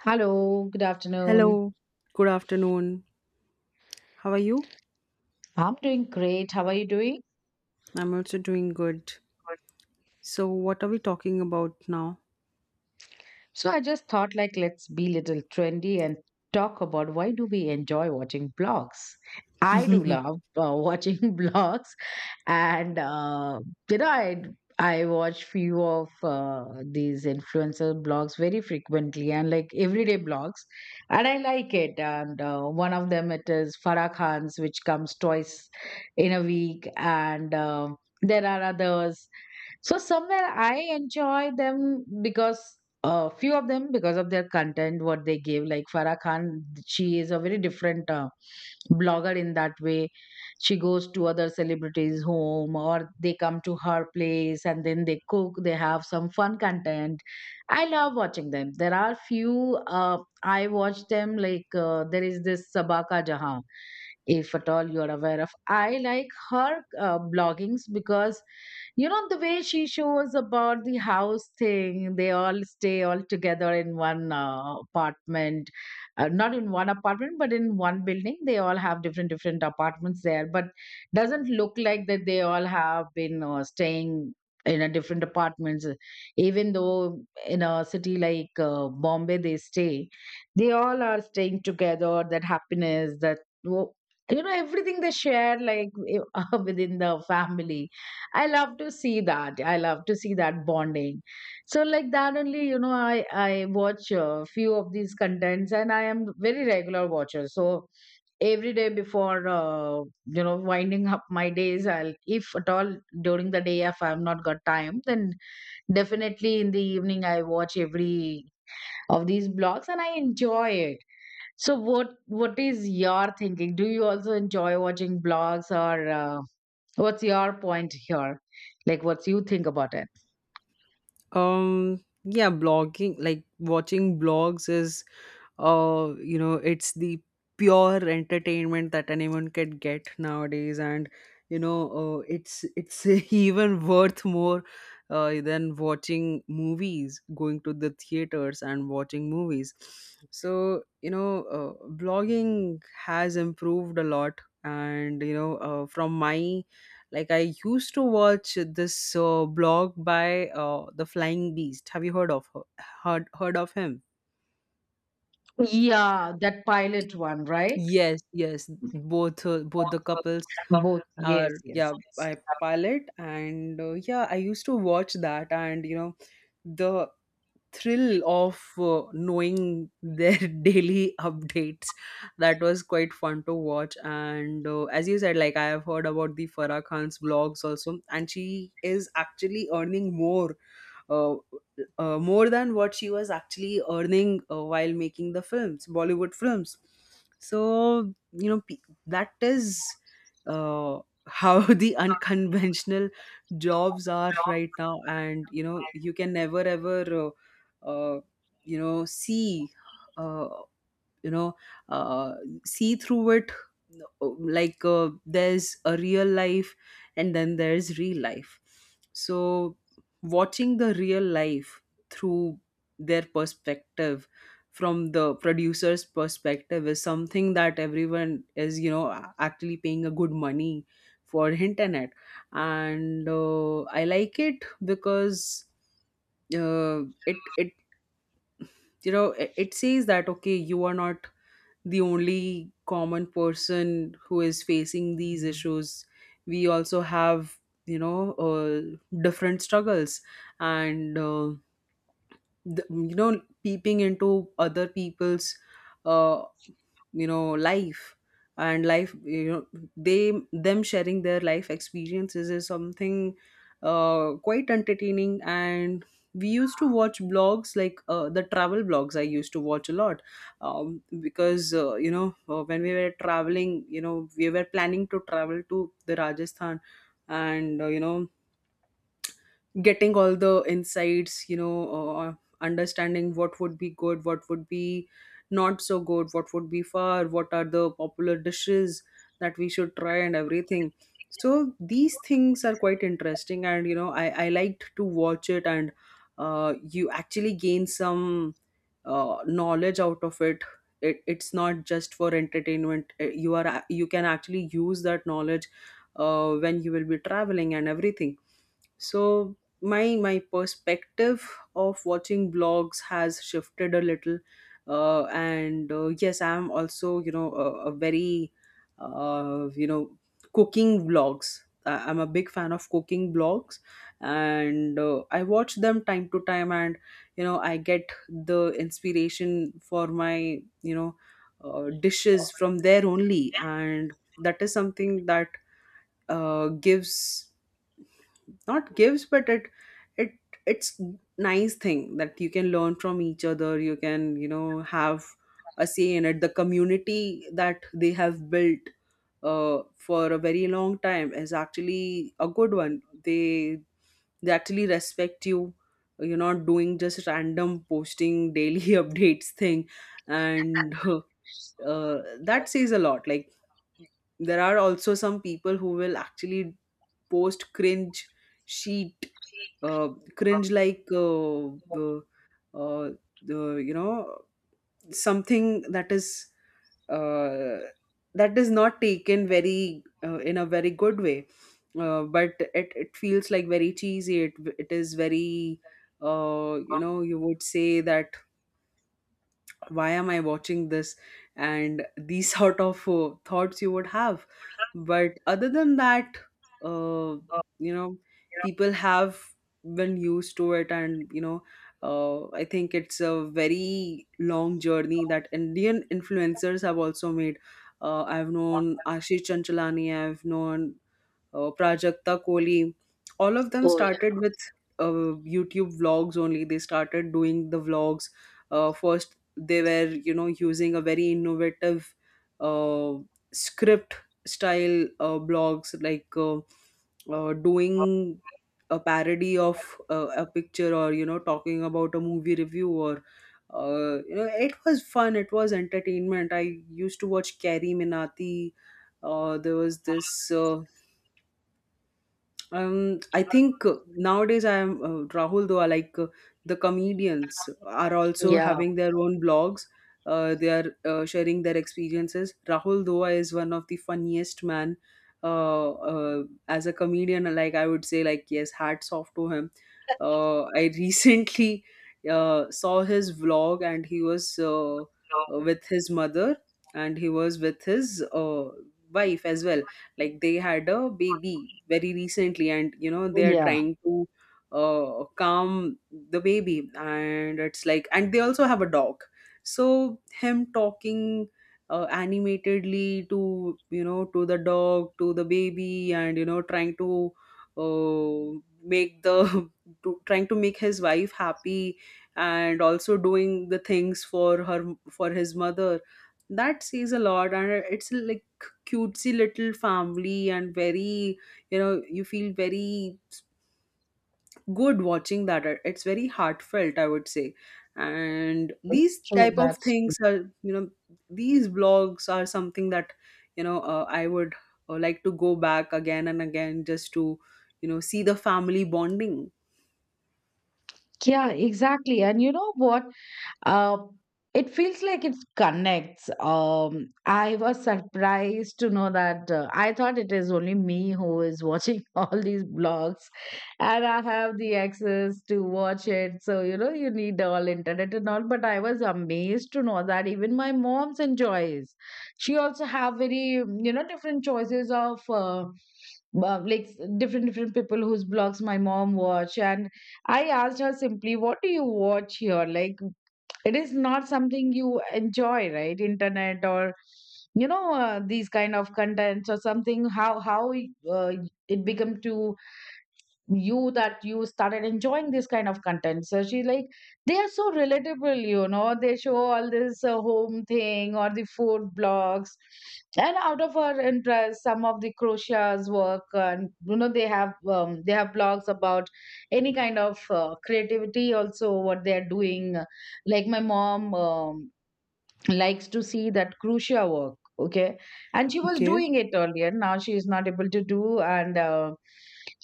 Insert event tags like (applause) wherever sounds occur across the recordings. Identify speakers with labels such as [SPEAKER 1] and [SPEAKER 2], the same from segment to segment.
[SPEAKER 1] Hello, good afternoon.
[SPEAKER 2] Hello, good afternoon. How are you?
[SPEAKER 1] I'm doing great. How are you doing?
[SPEAKER 2] I'm also doing good. So, what are we talking about now?
[SPEAKER 1] So I just thought like let's be little trendy and talk about why do we enjoy watching blogs? I do love
[SPEAKER 2] (laughs)
[SPEAKER 1] watching (laughs) blogs and uh, you know I watch few of these influencer blogs very frequently and like everyday blogs and I like it and one of them it is Farah Khan's, which comes twice in a week, and there are others. So somewhere I enjoy them because a few of them because of their content, what they give. Like Farah Khan, she is a very different blogger in that way. She goes to other celebrities' home or they come to her place and then they cook. They have some fun content. I love watching them. There are few I watch them like there is this Sabaka Jahan, if at all you are aware of. I like her bloggings because you know, the way she shows about the house thing, they all stay all together in one apartment, not in one apartment, but in one building. They all have different, different apartments there, but doesn't look like that they all have been staying in a different apartments. Even though in a city like Bombay they stay, they all are staying together, that happiness, that, you know, everything they share like (laughs) within the family. I love to see that. I love to see that bonding. So like that only, you know, I watch a few of these contents, and I am very regular watcher. So every day before you know winding up my days, I'll if at all during the day if I've not got time, then definitely in the evening I watch every of these blogs and I enjoy it. So what is your thinking? Do you also enjoy watching blogs or? What's your point here? Like, what you think about it?
[SPEAKER 2] Yeah, blogging, like watching blogs is you know, it's the pure entertainment that anyone can get nowadays. And you know, it's (laughs) even worth more than watching movies, going to the theaters and watching movies. So you know, blogging has improved a lot. And you know, from my, like, I used to watch this blog by the Flying Beast. Have you heard of him?
[SPEAKER 1] Yeah, that pilot one, right?
[SPEAKER 2] Yes, yes. Both the couples
[SPEAKER 1] Both.
[SPEAKER 2] are,
[SPEAKER 1] Yes, yes,
[SPEAKER 2] yeah,
[SPEAKER 1] yes.
[SPEAKER 2] by pilot. And yeah, I used to watch that. And you know, the thrill of knowing their (laughs) daily updates, that was quite fun to watch. And as you said, like, I have heard about the Farah Khan's vlogs also, and she is actually earning more, uh, more than what she was actually earning while making the films, Bollywood films. So, you know, that is uh, how (laughs) the unconventional jobs are right now. And, you know, you can never ever, uh, uh, you know, see. Uh, you know, uh, see through it, uh, like, there's a real life, and then there's real life. So watching the real life through their perspective, from the producer's perspective, is something that everyone is, you know, actually paying a good money for internet. And I like it, because uh, it, you know, it says that, okay, you are not the only common person who is facing these issues. We also have, you know, different struggles. And the, you know, peeping into other people's, uh, you know, life. And life, you know, they them sharing their life experiences is something quite entertaining. And we used to watch blogs, like the travel blogs I used to watch a lot. Because you know, when we were traveling, you know, we were planning to travel to the Rajasthan. And you know, getting all the insights, you know, understanding what would be good, what would be not so good, what would be far, what are the popular dishes that we should try and everything. So these things are quite interesting. And you know, I liked to watch it. And you actually gain some knowledge out of it. It's not just for entertainment. You can actually use that knowledge when you will be traveling and everything. So my perspective of watching vlogs has shifted a little. And yes, I'm also, you know, a very you know, cooking vlogs. I'm a big fan of cooking vlogs. And I watch them time to time. And you know, I get the inspiration for my, you know, dishes from there only. And that is something that gives, not gives, but it, it's nice thing that you can learn from each other. You can, you know, have a say in it. The community that they have built for a very long time is actually a good one. They actually respect you. You're not doing just random posting daily (laughs) updates thing. And (laughs) uh, that says a lot. Like, there are also some people who will actually post cringe sheet, uh, cringe, like uh, the uh, the, you know, something uh, that is not taken very in a very good way. But it feels like very cheesy. It is very, you know, you would say that, why am I watching this? And these (laughs) sort of thoughts you would have. But other than that, uh, you know, people have been used to it. And you know, I think it's a very long journey that Indian influencers have also made. I've known Ashish Chanchalani, I've known Prajakta Kohli. All of them
[SPEAKER 1] Oh, yeah.
[SPEAKER 2] started with YouTube vlogs only. They started doing the vlogs. First, they were, you know, using a very innovative uh, script style, blogs like, doing a parody of a picture, or you know, talking about a movie review, or you know, it was fun, it was entertainment. I used to watch Carrie Minati. There was this I think, nowadays, I am Rahul, though. I like, the comedians are also
[SPEAKER 1] Yeah.
[SPEAKER 2] having their own blogs. They are sharing their experiences. Rahul Doa is one of the funniest man. As a comedian, like, I would say, like, yes, hats off to him. I (laughs) recently saw his vlog. And he was with his mother, and he was with his wife as well. Like they had a baby very recently, and you know, they are
[SPEAKER 1] Yeah.
[SPEAKER 2] trying to calm the baby. And it's like, and they also have a dog. So him talking animatedly to, you know, to the dog, to the baby, and you know, trying to uh, make the (laughs) trying to make his wife happy, and also doing the things for her, for his mother. That says a lot. And it's like, cutesy little family. And very, you know, you feel very good watching that. It's very heartfelt, I would say. And these
[SPEAKER 1] That's true.
[SPEAKER 2] type of
[SPEAKER 1] That's true.
[SPEAKER 2] things are, you know, these blogs are something that, you know, I would like to go back again and again, just to, you know, see the family bonding.
[SPEAKER 1] Yeah, exactly. And you know what? Uh, it feels like it connects. I was surprised to know that I thought it is only me who is watching (laughs) all these blogs, and I have the access to watch it. So you know, you need all internet and all. But I was amazed to know that even my mom's enjoys. She also have very different choices of. Like different different people whose blogs my mom watch, and I asked her simply, what do you watch here? Like, it is not something you enjoy, right? Internet or these kind of contents or something. How how uh, it become to you that you started enjoying this kind of content? So she's like, they are so relatable, they show all this home thing or the food blogs, and out of her interest some of the crochets work, and you know they have blogs about any kind of creativity also what they are doing. Like my mom likes to see that crucia work, okay, and she was
[SPEAKER 2] Okay.
[SPEAKER 1] doing it earlier, now she is not able to do, and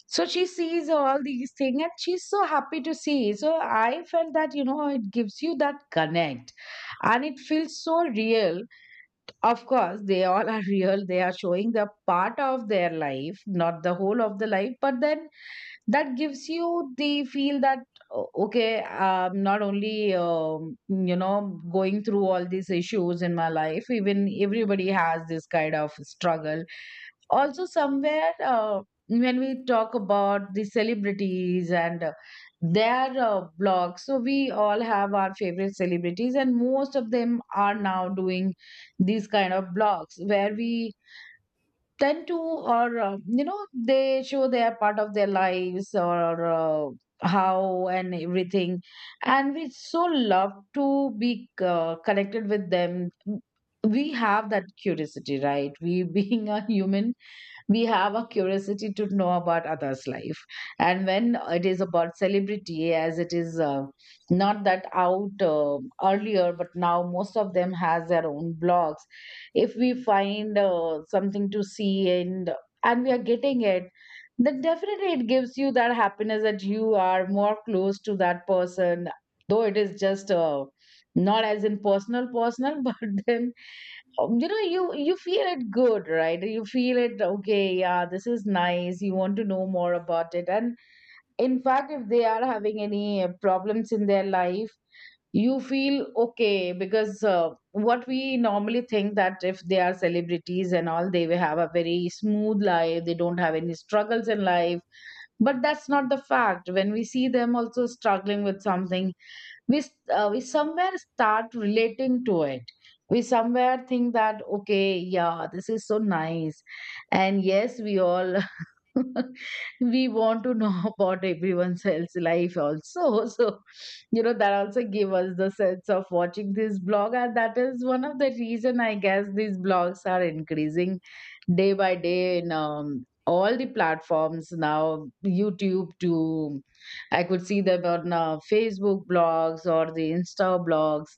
[SPEAKER 1] so she sees all these things and she's so happy to see. So I felt that it gives you that connect and it feels so real. Of course they all are real, they are showing the part of their life, not the whole of the life, but then that gives you the feel that, okay, I'm not only you know going through all these issues in my life, even everybody has this kind of struggle. Also somewhere when we talk about the celebrities and their blogs, so we all have our favorite celebrities, and most of them are now doing these kind of blogs where we tend to or you know they show their part of their lives or how and everything. And we so love to be connected with them. We have that curiosity, right? We, (laughs) being a human, we have a curiosity to know about others life. And when it is about celebrity, as it is not that out earlier, but now most of them has their own blogs, if we find something to see and we are getting it, then definitely it gives you that happiness, that you are more close to that person, though it is just not as in personal personal, (laughs) but then you know you feel it good, right? You feel it, okay, yeah, this is nice, you want to know more about it. And in fact, if they are having any problems in their life, you feel okay, because what we normally think that if they are celebrities and all, they will have a very smooth life, they don't have any struggles in life. But that's not the fact. When we see them also struggling with something, we somewhere start relating to it, we somewhere think that okay, yeah, this is so nice. And yes, we all (laughs) (laughs) we want to know (laughs) about everyone else's life also. (laughs) So you know that also give us the sense of watching this blog, and that is one of the reason, I guess, these blogs are increasing day by day, in all the platforms now, YouTube to I could see them on Facebook blogs or the Insta blogs,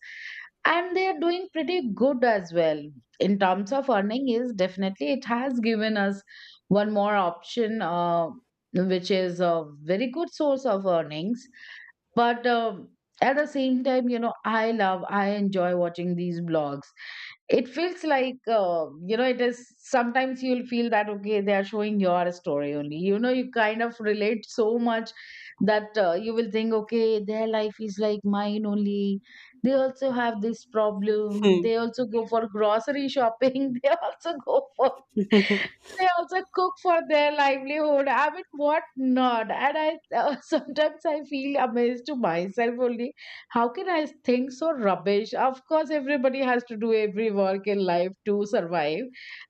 [SPEAKER 1] and they are doing pretty good as well. In terms of earning, is definitely it has given us one more option which is a very good source of earnings. But at the same time, you know, I enjoy watching these blogs. It feels like you know, it is sometimes you'll feel that okay, they are showing your story only, you know, you kind of relate so much that you will think, okay, their life is like mine only. They also have this problem,
[SPEAKER 2] Hmm.
[SPEAKER 1] they also go for grocery shopping, (laughs) they also go for
[SPEAKER 2] (laughs)
[SPEAKER 1] they also cook for their livelihood. I mean, what not? And I (laughs) sometimes I feel amazed to myself only. How can I think so rubbish? Of course, everybody has to do every work in life to survive.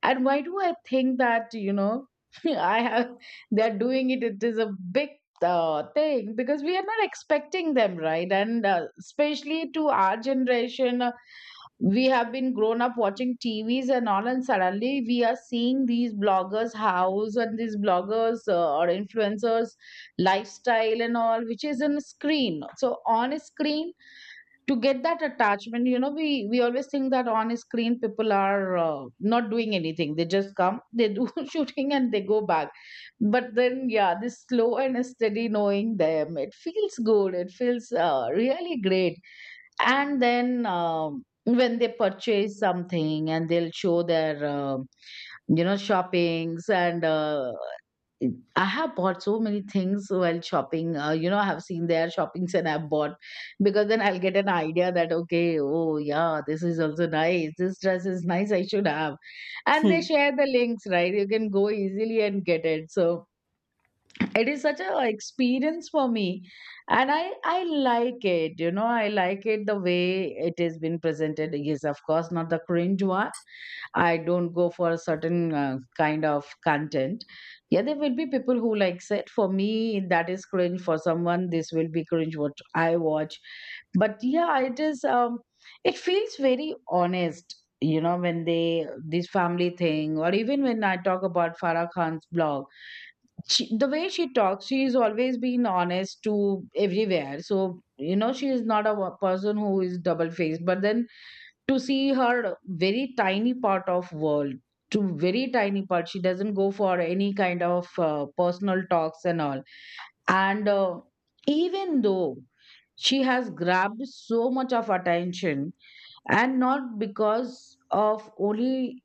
[SPEAKER 1] And why do I think that, you know, (laughs) I have they're doing it? It is a big thing because we are not expecting them, right? And especially to our generation, we have been grown up watching TVs and all, and suddenly we are seeing these bloggers' house and these bloggers or influencers' lifestyle and all, which is in screen. So on a screen, to get that attachment, you know, we always think that on a screen people are not doing anything; they just come, they do (laughs) shooting, and they go back. But then, yeah, this slow and steady knowing them, it feels good. It feels really great. And then when they purchase something and they'll show their you know shoppings and I have bought so many things while shopping. You know, I have seen their shoppings and I've bought, because then I'll get an idea that okay, oh yeah, this is also nice, this dress is nice, I should have. And they
[SPEAKER 2] Hmm.
[SPEAKER 1] share the links, right? You can go easily and get it. So it is such a like experience for me, and i like it, you know, I like it the way it has been presented. Yes, of course, not the cringe one. I don't go for a certain kind of content. Yeah, there will be people who likes it. For me, that is cringe. For someone, this will be cringe what I watch. But yeah, it is it feels very honest, you know, when they this family thing, or even when I talk about Farah Khan's blog, she, the way she talks, she's always been honest to everywhere. So, you know, she is not a person who is double faced. But then, to see her very tiny part of world, to very tiny part, she doesn't go for any kind of personal talks and all. And even though she has grabbed so much of attention, and not because of only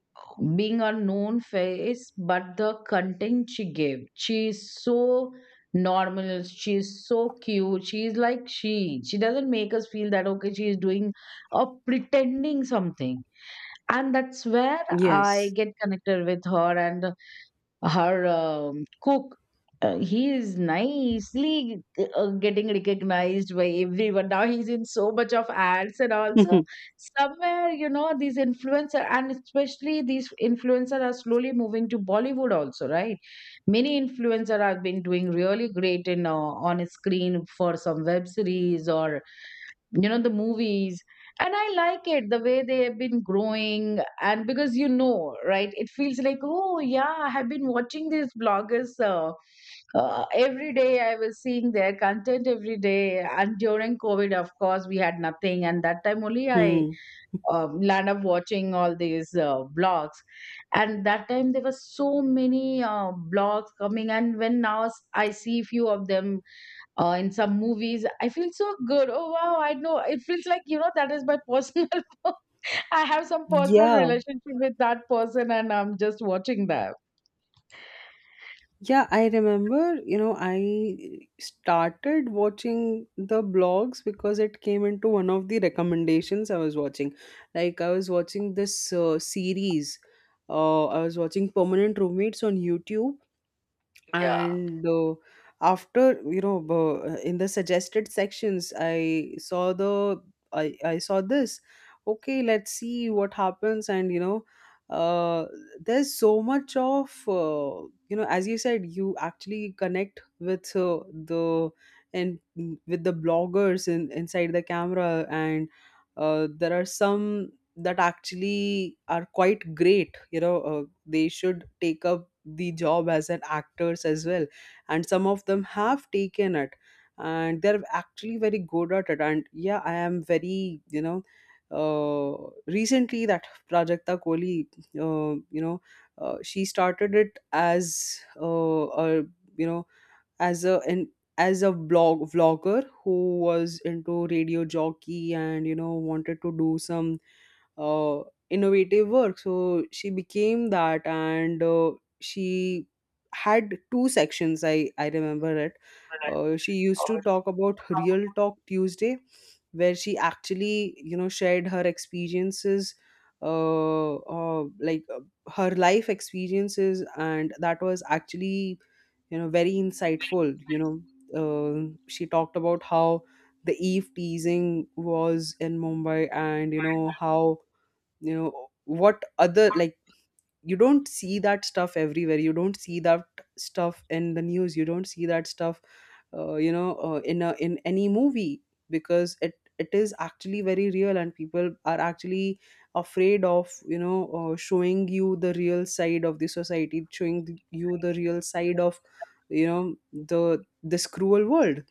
[SPEAKER 1] being a known face, but the content she gave, she is so normal, she is so cute, she is like, she doesn't make us feel that okay, she is doing or pretending something. And that's where I
[SPEAKER 2] Yes.
[SPEAKER 1] get connected with her. And her cook, uh, he is nicely getting recognized by everyone. Now he's in so much of ads and also
[SPEAKER 2] (laughs)
[SPEAKER 1] somewhere, these influencer and especially these influencer are slowly moving to Bollywood also, right? Many influencer have been doing really great in on screen for some web series or the movies. And I like it the way they have been growing. And because right, it feels like, oh yeah, I have been watching these bloggers every day. I was seeing their content every day, and during COVID of course we had nothing, and that time only I
[SPEAKER 2] Hmm.
[SPEAKER 1] land up watching all these blogs. And that time there were so many blogs coming, and when now I see few of them in some movies, I feel so good. Oh wow, I know. It feels like, that is my personal. (laughs) I have some personal
[SPEAKER 2] Yeah.
[SPEAKER 1] relationship with that person, and I'm just watching them.
[SPEAKER 2] Yeah, I remember, you know, I started watching the blogs because it came into one of the recommendations I was watching. Like, I was watching this series, I was watching Permanent Roommates on YouTube.
[SPEAKER 1] Yeah.
[SPEAKER 2] And after, you know, in the suggested sections, I saw the, I saw this, okay, let's see what happens. And you know, uh there's so much of, you know, as you said, you actually connect with the, and with the bloggers inside the camera. And there are some that actually are quite great, you know, they should take up the job as an actors as well. And some of them have taken it, and they're actually very good at it. And yeah, I am very, you know, recently that Prajakta Kohli, you know, she started it as a, you know, as a an, as a blog vlogger who was into radio jockey, and you know, wanted to do some uh, innovative work. So she became that. And she had two sections. I remember it. She used
[SPEAKER 1] Or-
[SPEAKER 2] to talk about Real Talk Tuesday, where she actually, you know, shared her experiences, like, her life experiences, and that was actually, you know, very insightful. You know, she talked about how the eve teasing was in Mumbai, and you know how, you know, what other, like, you don't see that stuff everywhere, you don't see that stuff in the news, you don't see that stuff you know, in any movie. Because it is actually very real, and people are actually afraid of, you know, showing you the real side of the society, showing you the real side of, you know, the, this cruel world.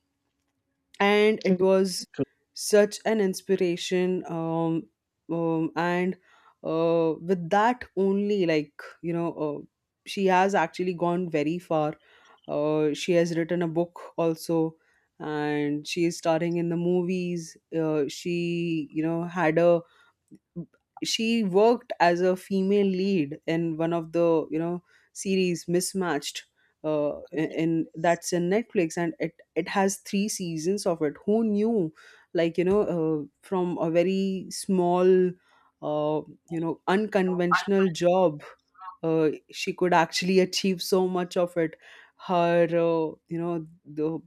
[SPEAKER 2] And it was such an inspiration. And with that only, like, you know, she has actually gone very far. She has written a book also, and she is starring in the movies. She, you know, had a, she worked as a female lead in one of the, you know, series Mismatched, in that's in Netflix. And it has three seasons of it. Who knew, like, you know, from a very small uh you know, unconventional job, she could actually (laughs) achieve so much of it. Her you know, the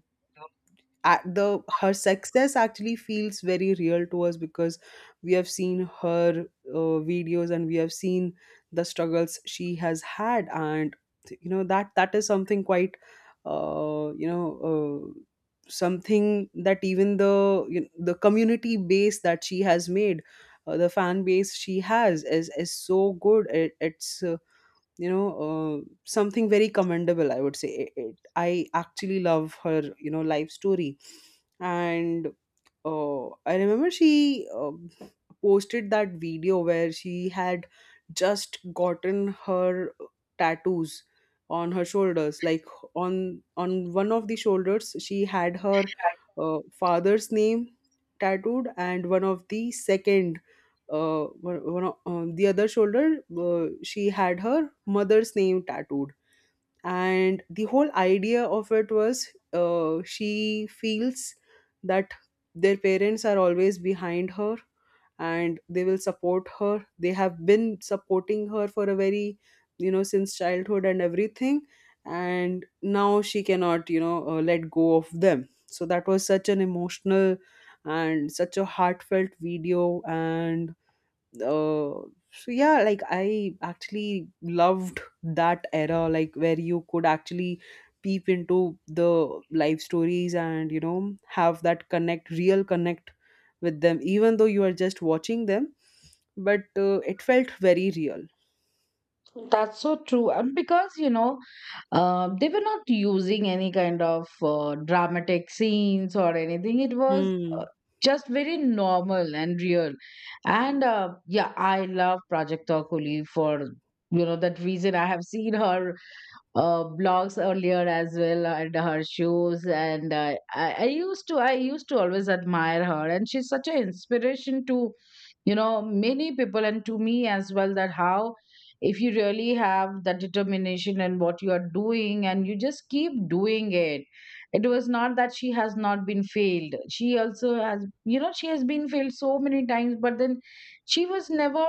[SPEAKER 2] the, her success actually feels very real to us, because we have seen her videos, and we have seen the struggles she has had. And you know, that is something quite, you know, uh, something that even the you, the community base that she has made, the fan base she has, is so good. It's, you know, something very commendable, I would say. I actually love her, you know, life story. And I remember she posted that video where she had just gotten her tattoos on her shoulders. Like, on one of the shoulders, she had her father's name tattooed. And one of the second, one of the other shoulder, she had her mother's name tattooed. And the whole idea of it was, she feels that their parents are always behind her and they will support her. They have been supporting her for a very, since childhood and everything. And now she cannot, let go of them. So that was such an emotional and such a heartfelt video. And uh, so yeah, like I actually loved that era, like where you could actually peep into the life stories and have that connect, real connect with them, even though you are just watching them. But it felt very real.
[SPEAKER 1] That's so true. And because they were not using any kind of dramatic scenes or anything. It was uh,
[SPEAKER 2] Hmm.
[SPEAKER 1] just very normal and real. And yeah, I love Project Takuli for that reason. I have seen her blogs earlier as well, and her shoes, and I used to always admire her, and she's such an inspiration to many people and to me as well. That how, if you really have that determination and what you are doing and you just keep doing it, it was not that she has not been failed. She also has, she has been failed so many times, but then she was never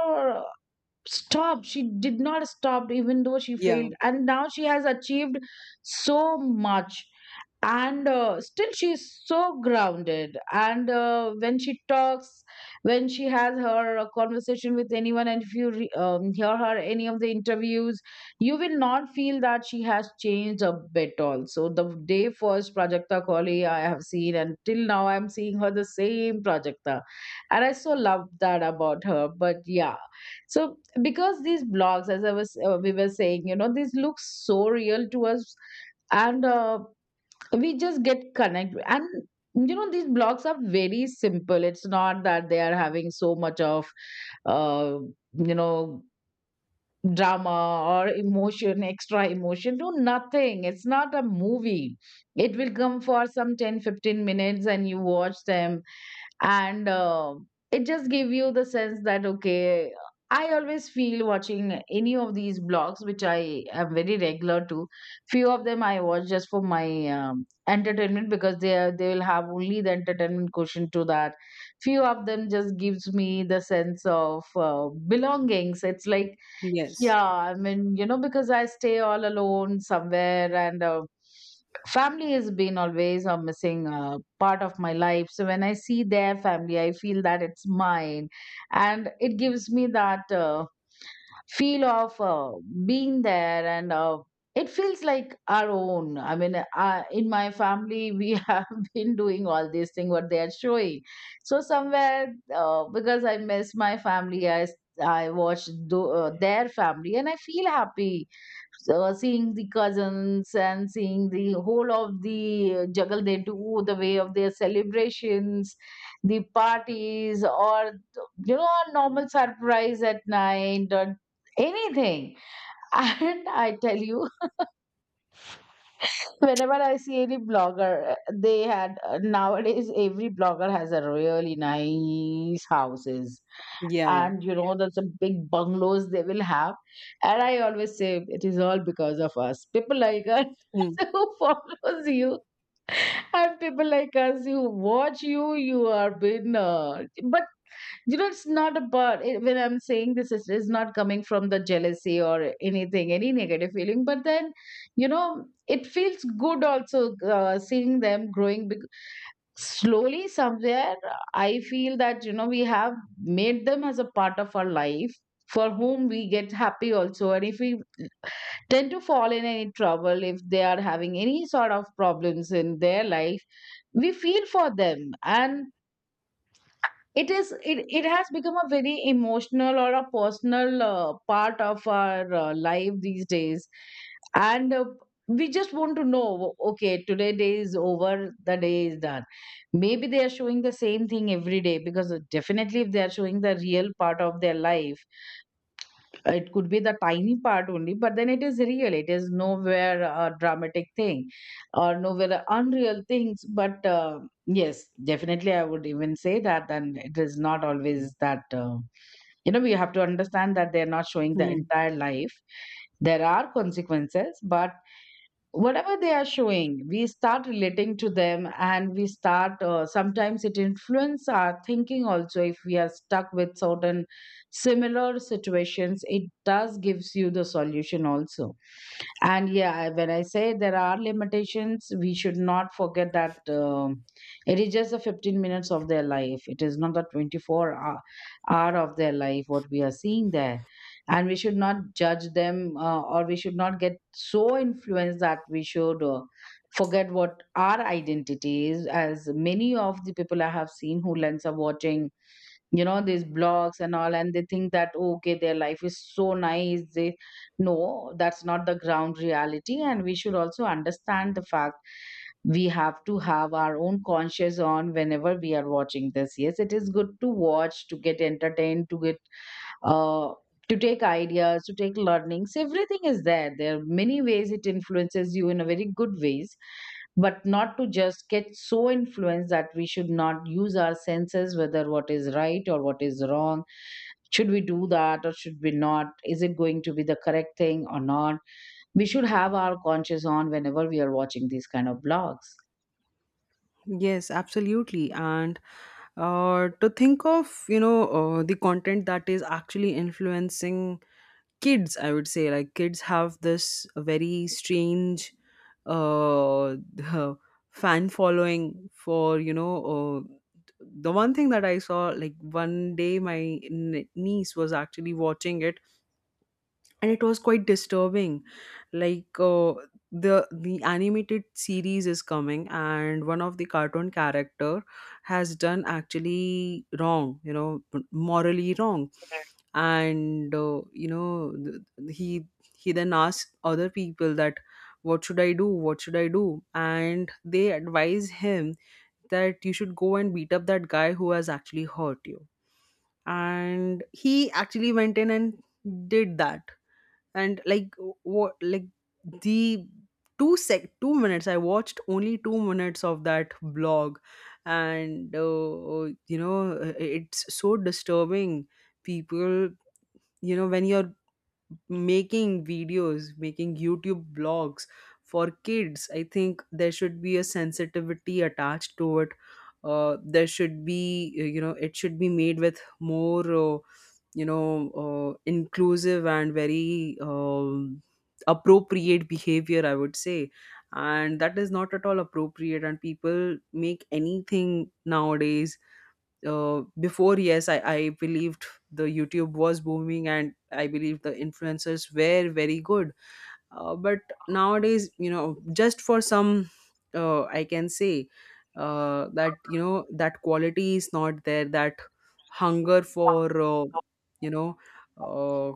[SPEAKER 1] stop. She did not stop even though she
[SPEAKER 2] Yeah,
[SPEAKER 1] failed, and now she has achieved so much. And still she is so grounded. And when she talks, when she has her conversation with anyone, and if you hear her any of the interviews, you will not feel that she has changed a bit. Also, the day first Prajakta Kohli I have seen, and till now I'm seeing her the same Prajakta, and I so love that about her, but yeah. So because these blogs, as I was we were saying, these look so real to us, and we just get connected. And these blogs are very simple. It's not that they are having so much of uh, you know drama or emotion, extra emotion. No, nothing. It's not a movie. It will come for some 10, 15 minutes and you watch them, and it just give you the sense that, okay, I always feel watching any of these blogs, which I am very regular to. Few of them I watch just for my entertainment because they will have only the entertainment quotient to that. Few of them just gives me the sense of belongings. It's like,
[SPEAKER 2] yes,
[SPEAKER 1] yeah, I mean, because I stay all alone somewhere, and family has been always a missing part of my life. So when I see their family, I feel that it's mine, and it gives me that feel of being there, and it feels like our own. I mean, in my family, we (laughs) have been doing all these things what they are showing. So somewhere, because I miss my family, I watch their family and I feel happy. So seeing the cousins and seeing the whole of the juggle they do, the way of their celebrations, the parties, or a normal surprise at night or anything. (laughs) And I tell you, (laughs) whenever I see any blogger, they had nowadays every blogger has a really nice houses,
[SPEAKER 2] yeah.
[SPEAKER 1] and there's some big bungalows they will have. And I always say it is all because of us, people like us,
[SPEAKER 2] Hmm.
[SPEAKER 1] (laughs) who follows you, and people like us who watch you. You are been but it's not about it. When I'm saying this is not coming from the jealousy or anything, any negative feeling, but then it feels good also, seeing them growing slowly. Somewhere I feel that, we have made them as a part of our life, for whom we get happy also. And if we tend to fall in any trouble, if they are having any sort of problems in their life, we feel for them. And it has become a very emotional or a personal part of our life these days. And we just want to know, "Oh, okay, today day is over, the day is done. Maybe they are showing the same thing every day because definitely, if they are showing the real part of their life, it could be the tiny part only, but then it is real. It is nowhere a dramatic thing or nowhere a unreal things. But yes, definitely, I would even say that. And it is not always that we have to understand that they are not showing the
[SPEAKER 2] Hmm.
[SPEAKER 1] entire life. There are consequences, but whatever they are showing, we start relating to them, and we start, sometimes it influence our thinking also. If we are stuck with certain similar situations, it does gives you the solution also. And yeah, when I say there are limitations, we should not forget that, it is just the 15 minutes of their life. It is not the 24 hour of their life what we are seeing there. And we should not judge them, or we should not get so influenced that we should forget what our identity is. As many of the people I have seen who lens are watching these blogs and all, and they think that, oh, okay, their life is so nice. They no, that's not the ground reality, and we should also understand the fact. We have to have our own conscious on whenever we are watching this. Yes, it is good to watch, to get entertained, uh, to take ideas, to take learnings. Everything is there. There are many ways it influences you in a very good ways, but not to just get so influenced that we should not use our senses whether what is right or what is wrong. Should we do that or should we not? Is it going to be the correct thing or not? We should have our conscience on whenever we are watching these kind of blogs.
[SPEAKER 2] Yes, absolutely. And to think of, the content that is actually influencing kids, I would say, like kids have this very strange uh (laughs) fan following for, the one thing that I saw, like one day my niece was actually watching it, and it was quite disturbing. Like, the animated series is coming, and one of the cartoon character has done actually wrong, morally wrong. And he then asks other people that, what should I do, what should I do? And they advise him that you should go and beat up that guy who has actually hurt you. And he actually went in and did that. And like, what? Like, the 2 minutes. I watched only 2 minutes of that blog. And it's so disturbing. People, when you're making videos, making YouTube blogs for kids, I think there should be a sensitivity attached to it. There should be, it should be made with more, inclusive and very, appropriate behavior, I would say. And that is not at all appropriate, and people make anything nowadays. Before, yes, I believed the YouTube was booming, and I believed the influencers were very good. But nowadays, just for some, I can say, that, that quality is not there, that hunger for, you know uh,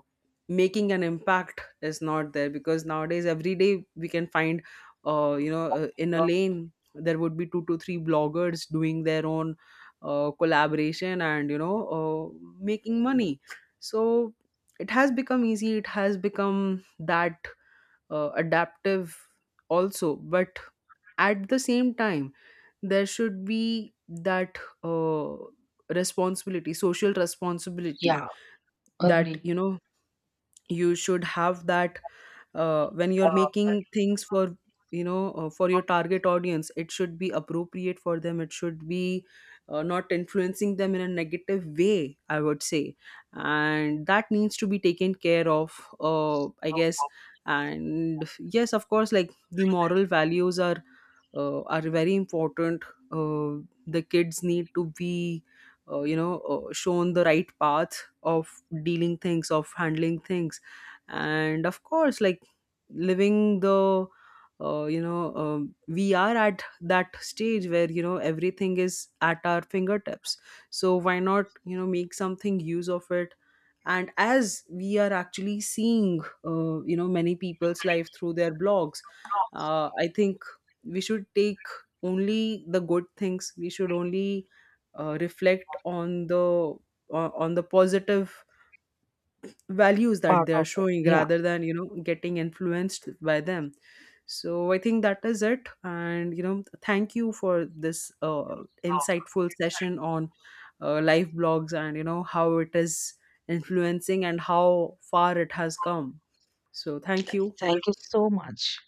[SPEAKER 2] making an impact is not there. Because nowadays, every day we can find, in a lane there would be two to three bloggers doing their own, collaboration and, making money. So it has become easy, it has become that, adaptive also. But at the same time, there should be that, uh, responsibility, social responsibility,
[SPEAKER 1] Yeah,
[SPEAKER 2] that,
[SPEAKER 1] agree.
[SPEAKER 2] you should have that, when you're making things for, for your target audience, it should be appropriate for them. It should be, not influencing them in a negative way, I would say. And that needs to be taken care of, I guess. And yes, of course, like the moral values are very important. The kids need to be, shown the right path of dealing things, of handling things, and of course, like, living the, you know, we are at that stage where, everything is at our fingertips. So why not, make something use of it, and as we are actually seeing, many people's life through their blogs, I think we should take only the good things. We should only, reflect on the positive values that
[SPEAKER 1] Part
[SPEAKER 2] they are
[SPEAKER 1] of it.
[SPEAKER 2] showing,
[SPEAKER 1] Yeah.
[SPEAKER 2] rather than, getting influenced by them. So I think that is it. And thank you for this, insightful session on, live blogs and how it is influencing and how far it has come. So thank you.
[SPEAKER 1] Thank you so much.